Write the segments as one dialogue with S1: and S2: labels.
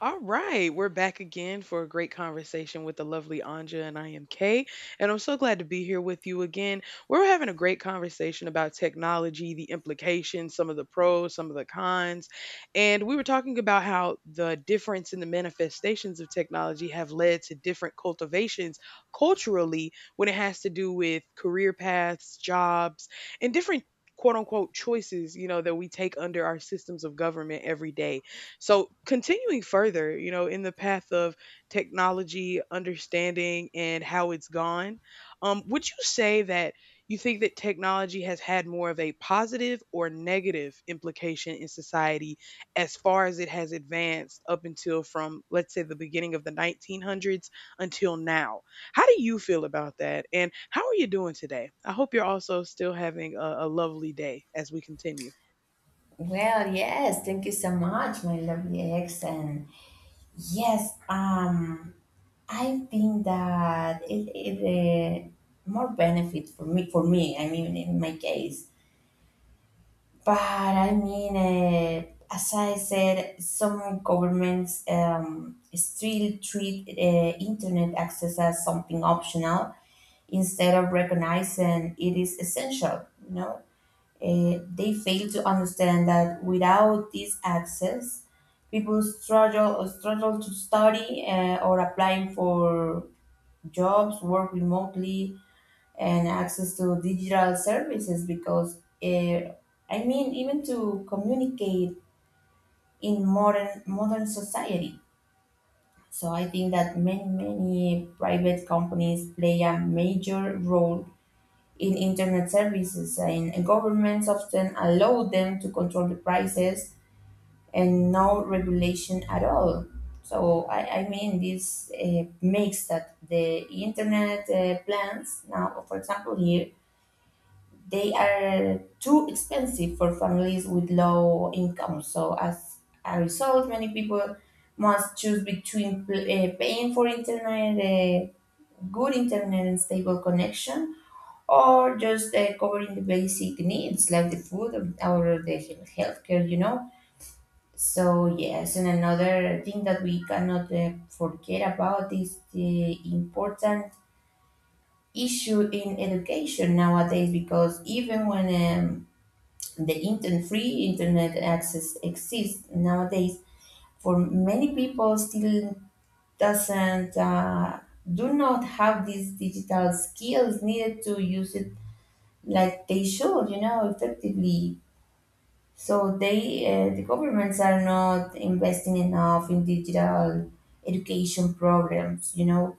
S1: All right, we're back again for a great conversation with the lovely Anja, and I am Kay, and I'm so glad to be here with you again. We're having a great conversation about technology, the implications, some of the pros, some of the cons, and we were talking about how the difference in the manifestations of technology have led to different cultivations culturally when it has to do with career paths, jobs, and different quote unquote choices that we take under our systems of government every day. So, continuing further, in the path of technology, understanding, and how it's gone, would you say that you think that technology has had more of a positive or negative implication in society as far as it has advanced up until from, let's say, the beginning of the 1900s until now? How do you feel about that? And how are you doing today? I hope you're also still having a lovely day as we continue.
S2: Well, yes, thank you so much, my lovely ex. And yes, I think that it more benefit for me, I mean, in my case. But I mean, as I said, some governments still treat internet access as something optional instead of recognizing it is essential, you know? They fail to understand that without this access, people struggle to study or applying for jobs, work remotely, and access to digital services. Because I mean, even to communicate in modern society. So I think that many private companies play a major role in internet services, and governments often allow them to control the prices and no regulation at all. So, I mean, this makes that the internet plans now, for example, here, they are too expensive for families with low income. So, as a result, many people must choose between paying for internet, good internet, and stable connection or just covering the basic needs like the food or the healthcare, you know. So yes, and another thing that we cannot forget about is the important issue in education nowadays because even when the internet free internet access exists nowadays, for many people still doesn't do not have these digital skills needed to use it like they should, you know, effectively. So the governments are not investing enough in digital education programs, you know,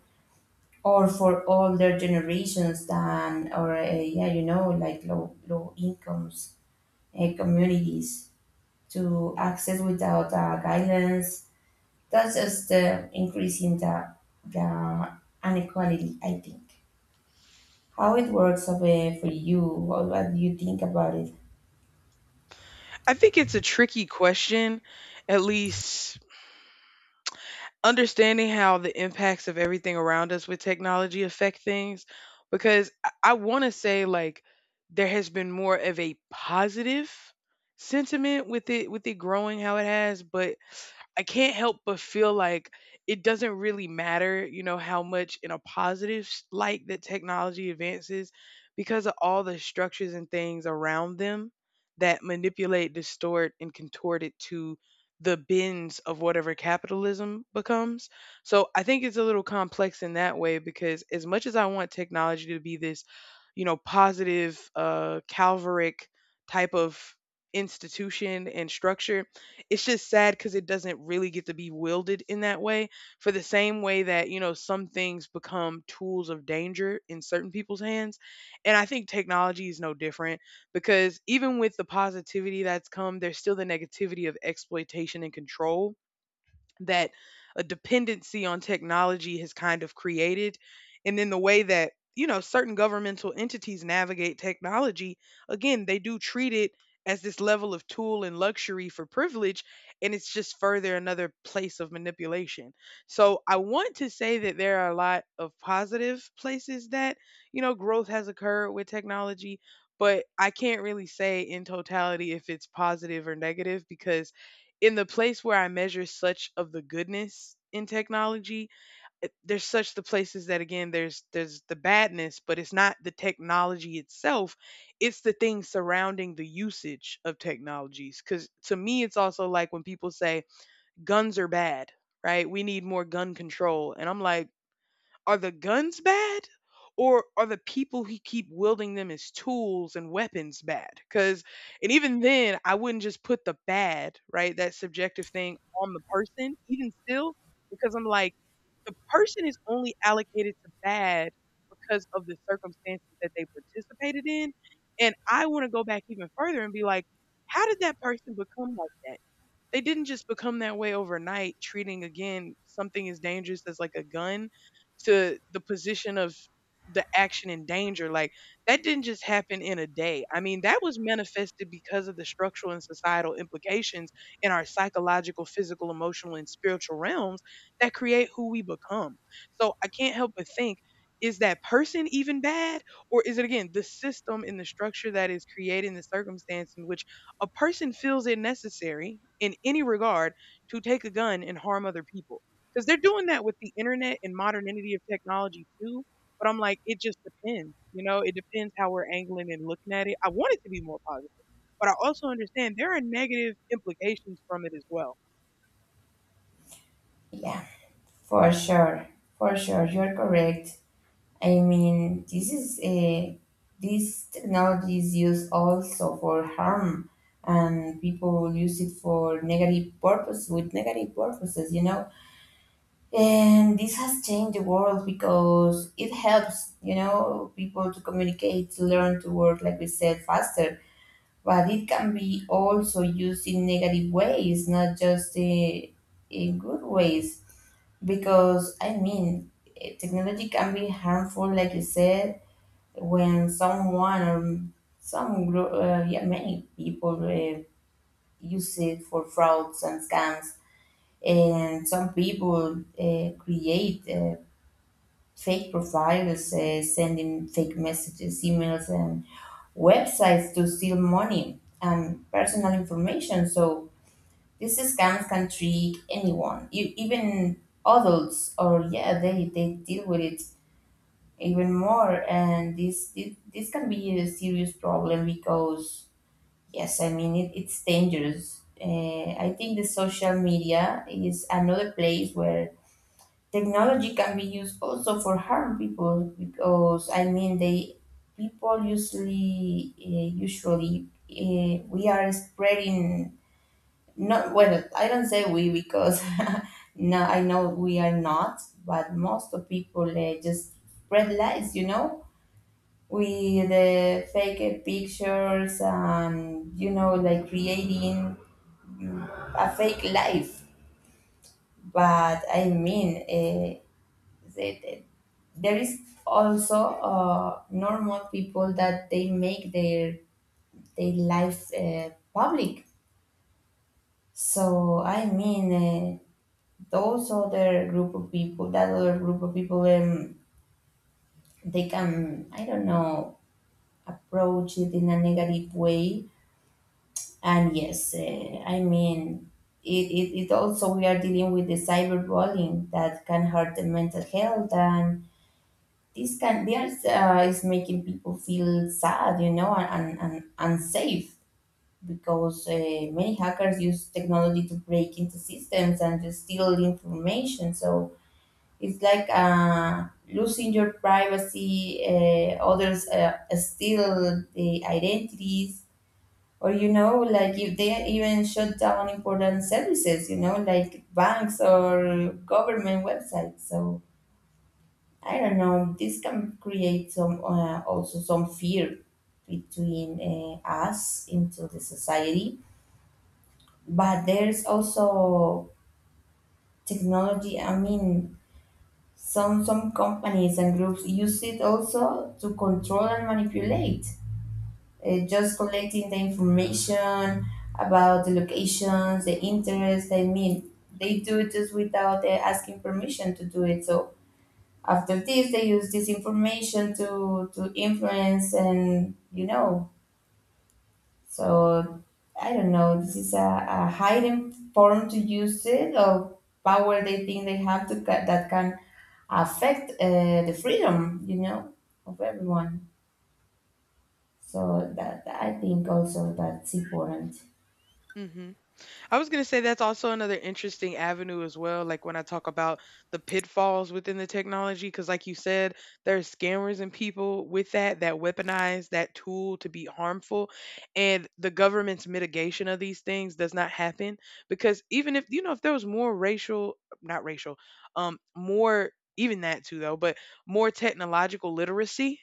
S2: or for older generations than, or yeah, you know, like low incomes communities to access without guidance. That's just increasing the inequality, I think. How it works for you? What do you think about it?
S1: I think it's a tricky question, at least understanding how the impacts of everything around us with technology affect things because I want to say like there has been more of a positive sentiment with it growing how it has, but I can't help but feel like it doesn't really matter, you know, how much in a positive light that technology advances because of all the structures and things around them that manipulate, distort, and contort it to the bins of whatever capitalism becomes. So I think it's a little complex in that way because as much as I want technology to be this, you know, positive, calvaric type of institution and structure. It's just sad because it doesn't really get to be wielded in that way. For the same way that, you know, some things become tools of danger in certain people's hands. And I think technology is no different because even with the positivity that's come, there's still the negativity of exploitation and control that a dependency on technology has kind of created. And then the way that, you know, certain governmental entities navigate technology, again, they do treat it as this level of tool and luxury for privilege. And it's just further another place of manipulation. So I want to say that there are a lot of positive places that, you know, growth has occurred with technology. But I can't really say in totality if it's positive or negative because in the place where I measure such of the goodness in technology, there's such the places that again there's the badness, but it's not the technology itself, it's the things surrounding the usage of technologies. Cause to me it's also like when people say guns are bad, right? We need more gun control. And I'm like, are the guns bad? Or are the people who keep wielding them as tools and weapons bad? Because, and even then, I wouldn't just put the bad, right? That subjective thing on the person, even still, because I'm like, the person is only allocated to bad because of the circumstances that they participated in. And I want to go back even further and be like, how did that person become like that? They didn't just become that way overnight, treating again something as dangerous as like a gun to the position of the action in danger. Like that didn't just happen in a day. I mean, that was manifested because of the structural and societal implications in our psychological, physical, emotional, and spiritual realms that create who we become. So I can't help but think, is that person even bad? Or is it again the system and the structure that is creating the circumstance in which a person feels it necessary in any regard to take a gun and harm other people. Because they're doing that with the internet and modernity of technology too. But I'm like, it just depends. You know, it depends how we're angling and looking at it. I want it to be more positive, but I also understand there are negative implications from it as well.
S2: Yeah. For sure, for sure, you're correct. I mean, this technology is used also for harm, and people use it for negative purpose with negative purposes, you know. And this has changed the world because it helps, you know, people to communicate, to learn to work, like we said, faster. But it can be also used in negative ways, not just in good ways because I mean, technology can be harmful, like you said, when someone or some group, yeah, many people use it for frauds and scams, and some people create fake profiles, sending fake messages, emails, and websites to steal money and personal information. So these scams can trick anyone, even adults or yeah they deal with it even more, and this can be a serious problem because yes, I mean, it's dangerous. I think the social media is another place where technology can be used also for harm people because I mean they people usually we are spreading not well. I don't say we because no, I know we are not, but most of people just spread lies, you know, with the fake pictures and, you know, like creating mm, a fake life. But I mean, the, the- there is also normal people that they make their life public. So I mean, those other group of people that other group of people they can, I don't know, approach it in a negative way. And yes, I mean, it also we are dealing with the cyberbullying that can hurt the mental health, and this can there's is making people feel sad, you know, and unsafe because many hackers use technology to break into systems and to steal information. So it's like losing your privacy. Others steal the identities or, you know, like, if they even shut down important services, you know, like banks or government websites. So I don't know, this can create some also some fear between us into the society. But there's also technology, I mean, some companies and groups use it also to control and manipulate, just collecting the information about the locations, the interest. I mean, they do it just without asking permission to do it. So after this, they use this information to influence and, you know. So I don't know. This is a hidden form to use it of power they think they have to that can affect the freedom, you know, of everyone. So that I think also that's important.
S1: Hmm. I was going to say that's also another interesting avenue as well. Like when I talk about the pitfalls within the technology, because like you said, there are scammers and people with that that weaponize that tool to be harmful. And the government's mitigation of these things does not happen because even if, you know, if there was more racial, not racial, more, even that too though, but more technological literacy,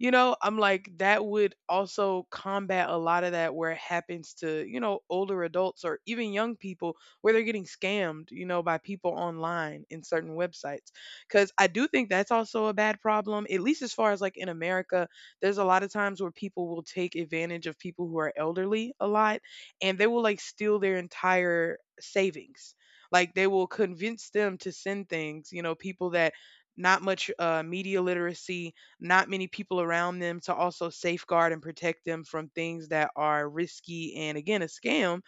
S1: you know, I'm like, that would also combat a lot of that where it happens to, you know, older adults or even young people where they're getting scammed, you know, by people online in certain websites. Cause I do think that's also a bad problem, at least as far as like in America, there's a lot of times where people will take advantage of people who are elderly a lot and they will like steal their entire savings. Like they will convince them to send things, you know, people that not much media literacy, not many people around them to also safeguard and protect them from things that are risky and again a scam.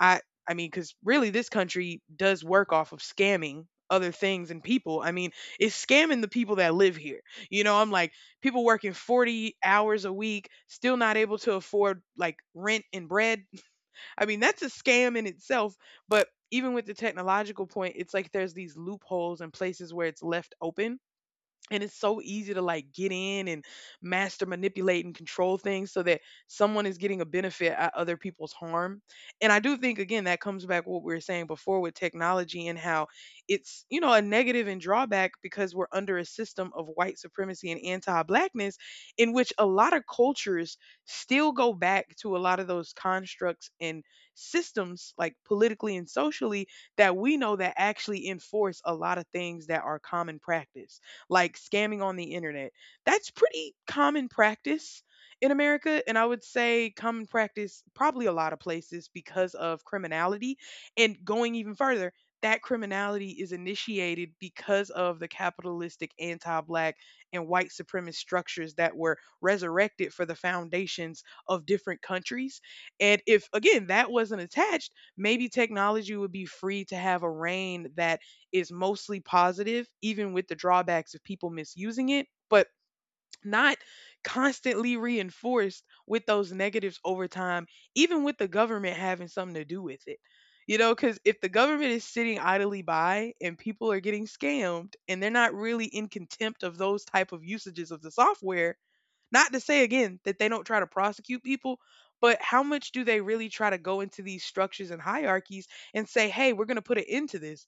S1: I i mean, because really this country does work off of scamming other things and people. I mean, it's scamming the people that live here. You know, I'm like, people working 40 hours a week still not able to afford like rent and bread. I mean, that's a scam in itself. But even with the technological point, it's like there's these loopholes and places where it's left open and it's so easy to like get in and master, manipulate, and control things so that someone is getting a benefit at other people's harm. And I do think, again, that comes back to what we were saying before with technology and how it's, you know, a negative and drawback because we're under a system of white supremacy and anti blackness in which a lot of cultures still go back to a lot of those constructs and systems, like politically and socially, that we know that actually enforce a lot of things that are common practice like scamming on the internet. That's pretty common practice in America. And I would say common practice probably a lot of places because of criminality. And going even further, that criminality is initiated because of the capitalistic anti black and white supremacist structures that were resurrected for the foundations of different countries. And if, again, that wasn't attached, maybe technology would be free to have a reign that is mostly positive, even with the drawbacks of people misusing it, but not constantly reinforced with those negatives over time, even with the government having something to do with it. You know, because if the government is sitting idly by and people are getting scammed and they're not really in contempt of those type of usages of the software, not to say again that they don't try to prosecute people, but how much do they really try to go into these structures and hierarchies and say, hey, we're going to put an end to this?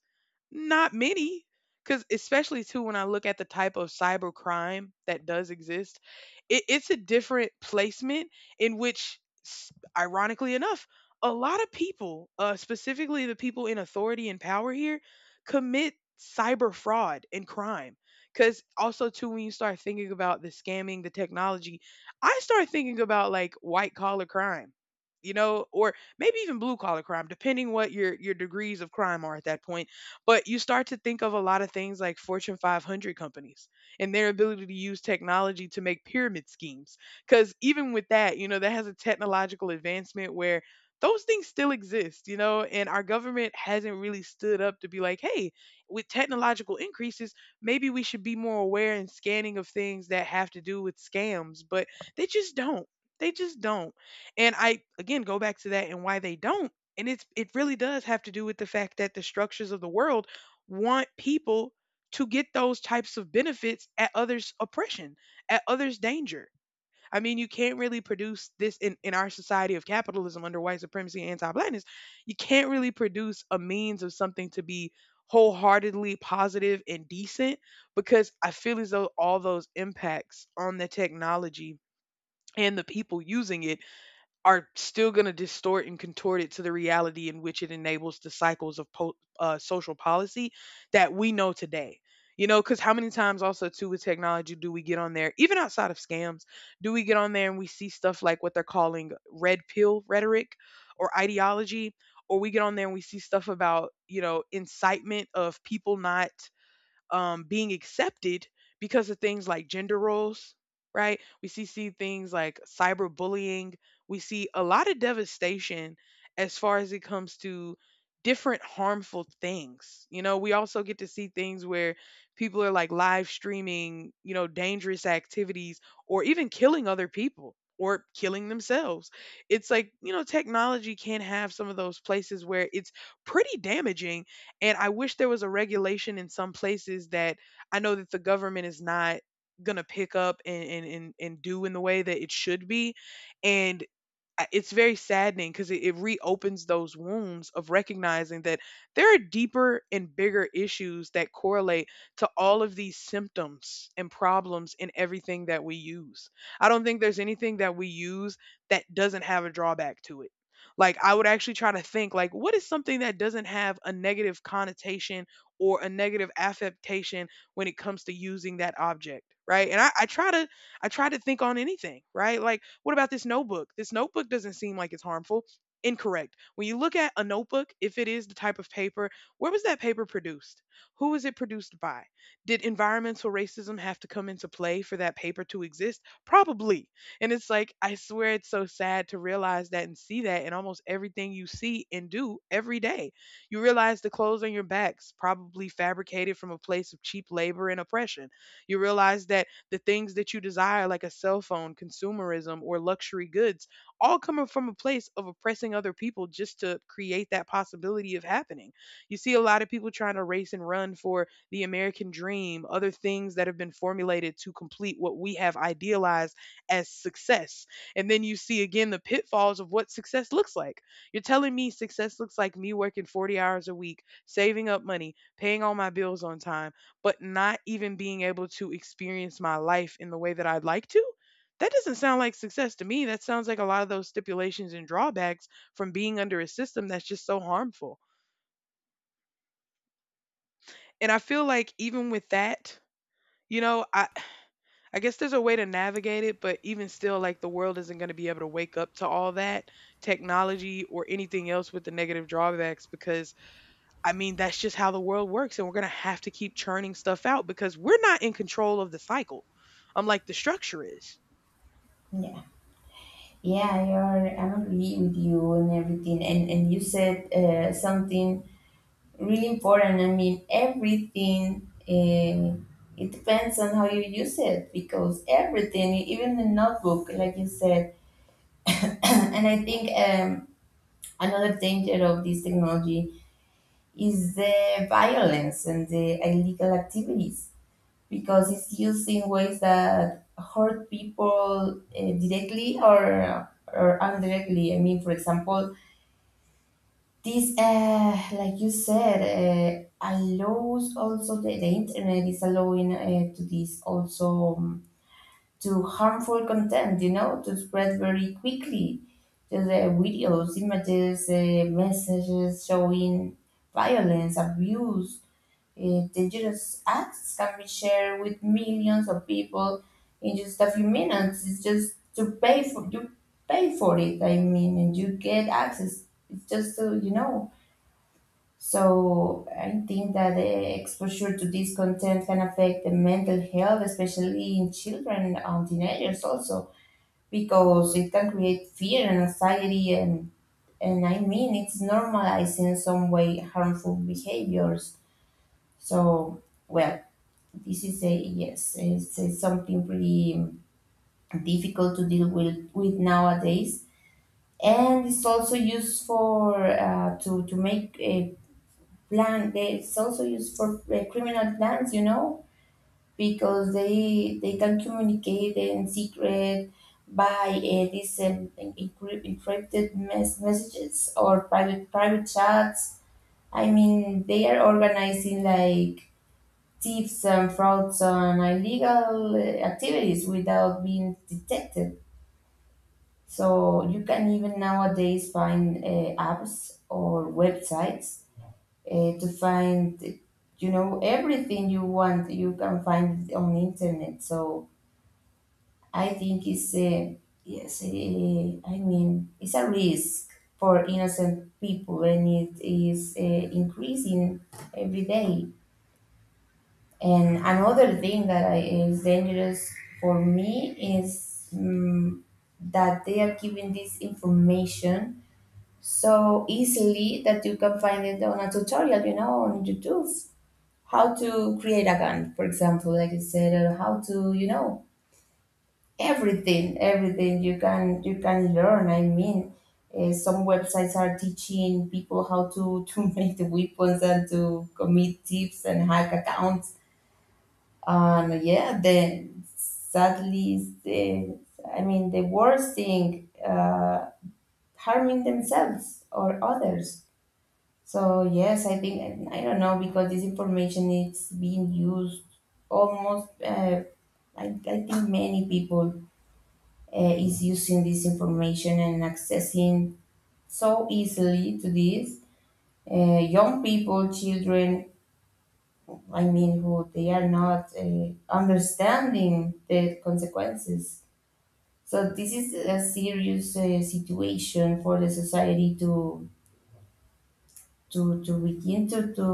S1: Not many. Because especially too, when I look at the type of cyber crime that does exist, it's a different placement in which, s- ironically enough, a lot of people, specifically the people in authority and power here, commit cyber fraud and crime. Cause also too, when you start thinking about the scamming, the technology, I start thinking about like white collar crime, you know, or maybe even blue collar crime, depending what your degrees of crime are at that point. But you start to think of a lot of things like Fortune 500 companies and their ability to use technology to make pyramid schemes. Because even with that, you know, that has a technological advancement where those things still exist, you know, and our government hasn't really stood up to be like, hey, with technological increases, maybe we should be more aware and scanning of things that have to do with scams, but they just don't. They just don't. And I again go back to that and why they don't. And it's it really does have to do with the fact that the structures of the world want people to get those types of benefits at others' oppression, at others' danger. I mean, you can't really produce this in our society of capitalism under white supremacy and anti blackness. You can't really produce a means of something to be wholeheartedly positive and decent because I feel as though all those impacts on the technology and the people using it are still going to distort and contort it to the reality in which it enables the cycles of social policy that we know today. You know, because how many times also too with technology do we get on there, even outside of scams, do we get on there and we see stuff like what they're calling red pill rhetoric or ideology, or we get on there and we see stuff about, incitement of people not being accepted because of things like gender roles, right? We see things like cyberbullying. We see a lot of devastation as far as it comes to different harmful things. You know, we also get to see things where people are like live streaming, dangerous activities or even killing other people or killing themselves. It's like, you know, technology can have some of those places where it's pretty damaging, and I wish there was a regulation in some places that I know that the government is not gonna pick up and and do in the way that it should be. And it's very saddening because it reopens those wounds of recognizing that there are deeper and bigger issues that correlate to all of these symptoms and problems in everything that we use. I don't think there's anything that we use that doesn't have a drawback to it. Like, I would actually try to think like what is something that doesn't have a negative connotation or a negative affectation when it comes to using that object, right? And I try to think on anything, right? Like, what about this notebook? This notebook doesn't seem like it's harmful. Incorrect. When you look at a notebook, if it is the type of paper, where was that paper produced? Who was it produced by? Did environmental racism have to come into play for that paper to exist? Probably. And it's like, I swear it's so sad to realize that and see that in almost everything you see and do every day. You realize the clothes on your backs probably fabricated from a place of cheap labor and oppression. You realize that the things that you desire, like a cell phone, consumerism, or luxury goods, all coming from a place of oppressing other people just to create that possibility of happening. You see a lot of people trying to race and run for the American dream, other things that have been formulated to complete what we have idealized as success. And then you see again the pitfalls of what success looks like. You're telling me success looks like me working 40 hours a week, saving up money, paying all my bills on time but not even being able to experience my life in the way that I'd like to, that doesn't sound like success to me. That sounds like a lot of those stipulations and drawbacks from being under a system that's just so harmful. And I feel like even with that, you know, I I guess there's a way to navigate it, but even still like the world isn't going to be able to wake up to all that technology or anything else with the negative drawbacks because I mean, that's just how the world works, and we're gonna have to keep churning stuff out because we're not in control of the cycle. I'm like, the structure is.
S2: Yeah. Yeah, I'm agree with you and everything. And you said something really important. I mean, everything, it depends on how you use it because everything, even the notebook, like you said. And I think another danger of this technology is the violence and the illegal activities because it's used in ways that hurt people directly or indirectly. I mean, for example, this, like you said, allows also the internet is allowing to this also to harmful content, you know, to spread very quickly. To the videos, images, messages showing violence, abuse, dangerous acts can be shared with millions of people in just a few minutes. It's just to pay for you pay for it. I mean, and you get access. It's just to, you know. So I think that the exposure to this content can affect the mental health, especially in children and teenagers also, because it can create fear and anxiety and I mean, it's normalizing in some way harmful behaviors. So well, this is a yes, it's something pretty difficult to deal with nowadays. And it's also used for to make plan. It's also used for criminal plans, you know, because they can communicate in secret by these encrypted messages or private chats. I mean, they are organizing like thieves and frauds and illegal activities without being detected. So you can even nowadays find apps or websites to find, you know, everything you want, you can find it on internet. So I think it's a yes, a, I mean, it's a risk for innocent people and it is increasing every day. And another thing that I, is dangerous for me is that they are giving this information so easily that you can find it on a tutorial, you know, on YouTube, how to create account, for example, like you said, or how to, you know, everything everything you can learn. I mean, some websites are teaching people how to to make the weapons and to commit tips and hack accounts. And yeah, then sadly the, I mean, the worst thing harming themselves or others. So yes, I think I don't know because this information is being used almost. I think many people is using this information and accessing so easily to this. Young people, children, I mean, who they are not understanding the consequences. So this is a serious situation for the society to. To begin to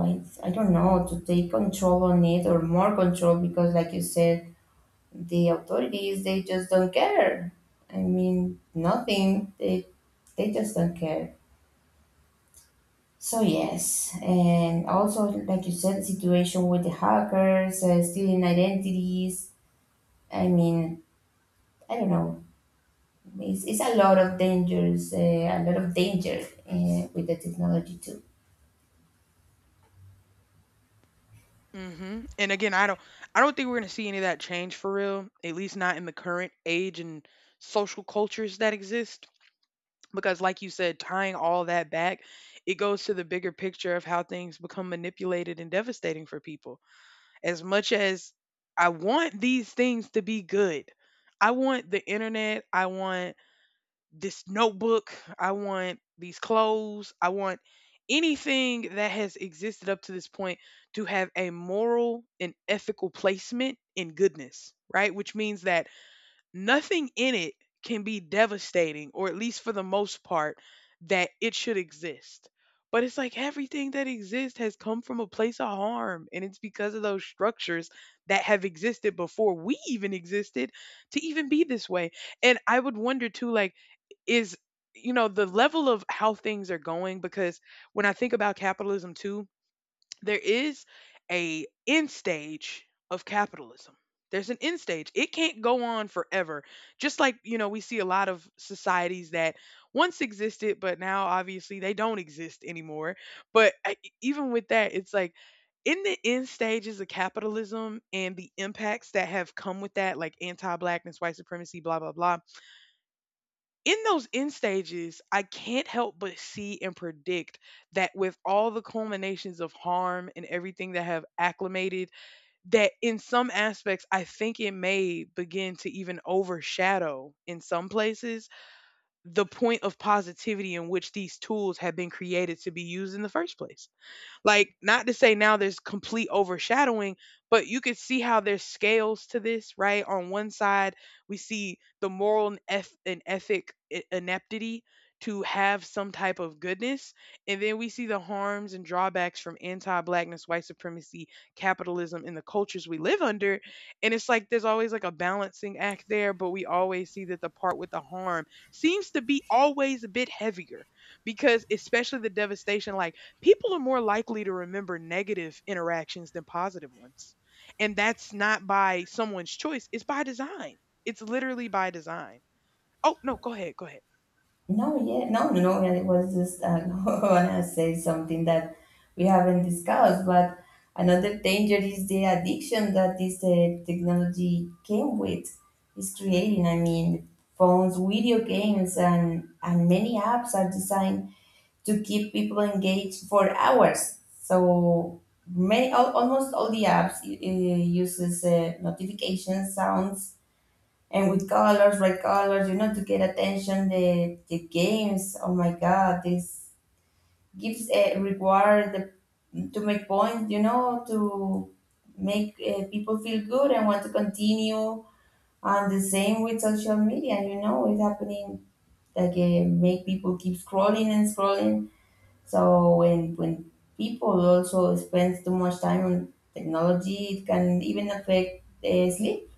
S2: I don't know, to take control on it or more control because like you said, the authorities they just don't care. I mean, nothing, they they just don't care. So yes, and also like you said, the situation with the hackers stealing identities, I mean, I don't know, it's a lot of dangers, a lot of danger with the technology too.
S1: Hmm. And again, I don't think we're gonna see any of that change for real. At least not in the current age and social cultures that exist. Because, like you said, tying all that back, it goes to the bigger picture of how things become manipulated and devastating for people. As much as I want these things to be good, I want the internet. I want this notebook. I want these clothes. I want anything that has existed up to this point to have a moral and ethical placement in goodness, right? Which means that nothing in it can be devastating, or at least for the most part, that it should exist. But it's like everything that exists has come from a place of harm. And it's because of those structures that have existed before we even existed to even be this way. And I would wonder too, like, is, you know, the level of how things are going because when I think about capitalism too, there is a end stage of capitalism. There's an end stage, it can't go on forever. Just like, you know, we see a lot of societies that once existed but now obviously they don't exist anymore. But even with that, it's like in the end stages of capitalism and the impacts that have come with that, like anti-blackness, white supremacy, blah blah blah, in those end stages, I can't help but see and predict that with all the culminations of harm and everything that have acclimated, that in some aspects, I think it may begin to even overshadow in some places the point of positivity in which these tools have been created to be used in the first place. Like, not to say now there's complete overshadowing, but you could see how there's scales to this, right? On one side, we see the moral and, ethic ineptity to have some type of goodness. And then we see the harms and drawbacks from anti blackness, white supremacy, capitalism, and the cultures we live under. And it's like there's always like a balancing act there, but we always see that the part with the harm seems to be always a bit heavier because, especially the devastation, like people are more likely to remember negative interactions than positive ones. And that's not by someone's choice, it's by design. It's literally by design. Oh, no, go ahead, go ahead.
S2: No, yeah, no, no. no. I was just gonna say something that we haven't discussed, but another danger is the addiction that this technology came with, is creating. I mean, phones, video games, and many apps are designed to keep people engaged for hours. So many, almost all the apps uses notifications, sounds, and with colors, bright colors, you know, to get attention the games. Oh my God, this gives a reward the, to make points, you know, to make people feel good and want to continue. And the same with social media, you know, it's happening like make people keep scrolling and scrolling. So when people also spend too much time on technology, it can even affect sleep.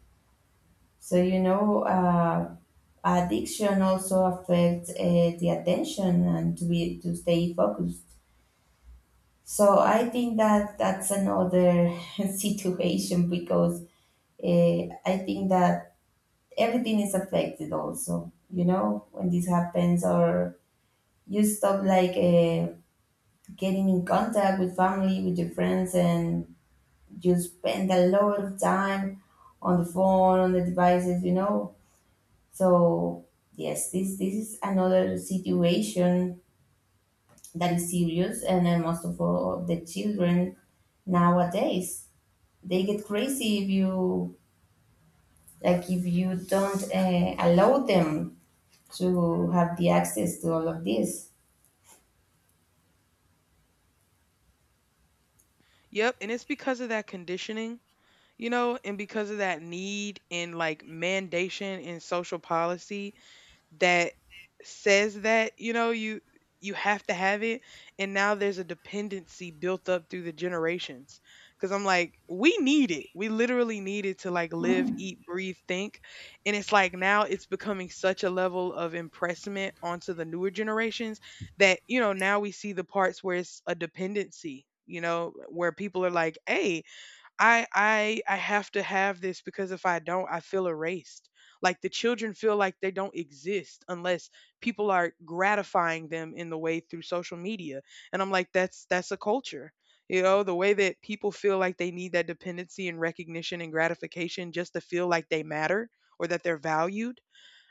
S2: So you know. Addiction also affects the attention and to be to stay focused. So I think that that's another situation because I think that everything is affected also, you know, when this happens, or you stop like getting in contact with family, with your friends, and you spend a lot of time on the phone, on the devices, you know. So yes, this is another situation that is serious, and then most of all, the children nowadays, they get crazy if you like if you don't allow them to have the access to all of this.
S1: Yep, and it's because of that conditioning, you know, and because of that need and like mandation in social policy that says that, you know, you have to have it and now there's a dependency built up through the generations cuz I'm like, we need it. We literally need it to like live,
S2: Hmm.
S1: eat, breathe, think. And it's like now it's becoming such a level of impressment onto the newer generations that, you know, now we see the parts where it's a dependency, you know, where people are like, "Hey, I have to have this because if I don't, I feel erased. Like the children feel like they don't exist unless people are gratifying them in the way through social media." And I'm like, that's a culture. You know, the way that people feel like they need that dependency and recognition and gratification just to feel like they matter or that they're valued,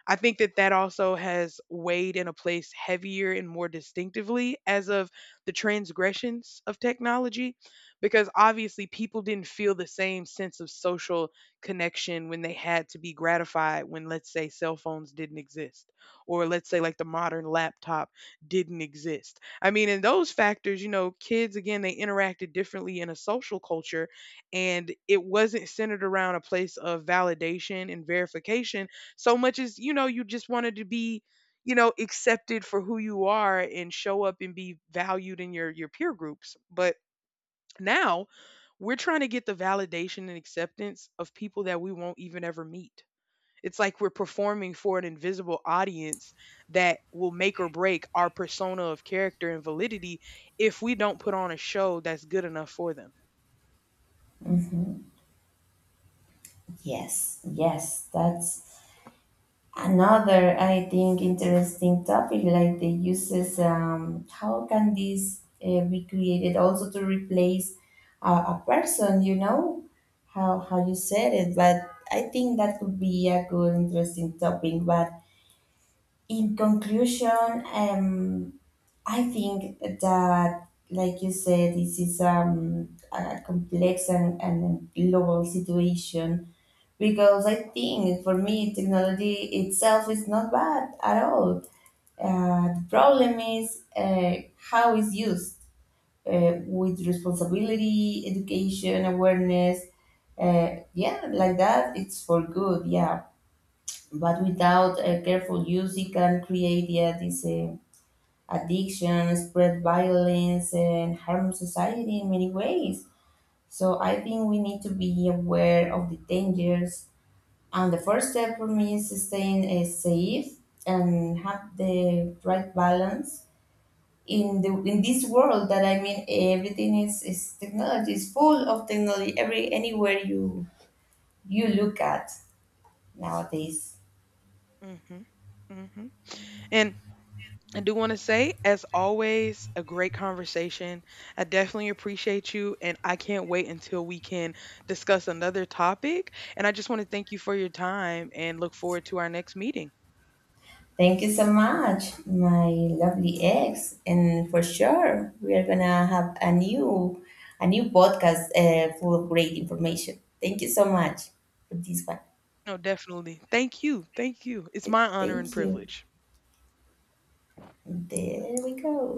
S1: I think that that also has weighed in a place heavier and more distinctively as of the transgressions of technology, because obviously people didn't feel the same sense of social connection when they had to be gratified when, let's say, cell phones didn't exist, or let's say, like the modern laptop didn't exist. I mean, in those factors, you know, kids, again, they interacted differently in a social culture, and it wasn't centered around a place of validation and verification so much as, you know, you just wanted to be, you know, accepted for who you are and show up and be valued in your peer groups. But now we're trying to get the validation and acceptance of people that we won't even ever meet. It's like we're performing for an invisible audience that will make or break our persona of character and validity if we don't put on a show that's good enough for them.
S2: Hmm. Yes, yes, that's another, I think, interesting topic like the uses, how can this be created also to replace a person, you know, how you said it, but I think that could be a good, interesting topic. But in conclusion, I think that, like you said, this is a complex and global situation because I think for me technology itself is not bad at all. The problem is how it's used with responsibility, education, awareness. Yeah, like that, it's for good. Yeah, but without a
S1: Mhm.
S2: careful use, it can create yeah this addiction, spread violence, and harm society in many ways. So I think we need to be aware of the dangers, and the first step for me is staying safe and have the right balance in the in this world that I mean everything is technology is full of technology every anywhere you you look at nowadays.
S1: Mhm. Mhm. And I do want to say, as always, a great conversation. I definitely appreciate you, and I can't wait until we can discuss another topic. And I just want to thank you for your time and look forward to our next meeting.
S2: Thank you so much, my lovely ex, and for sure we are gonna have a new podcast full of great information. Thank you so much for this one.
S1: No, definitely. Thank you. Thank you. It's my honor
S2: Thank
S1: and
S2: you.
S1: privilege.
S2: There we go.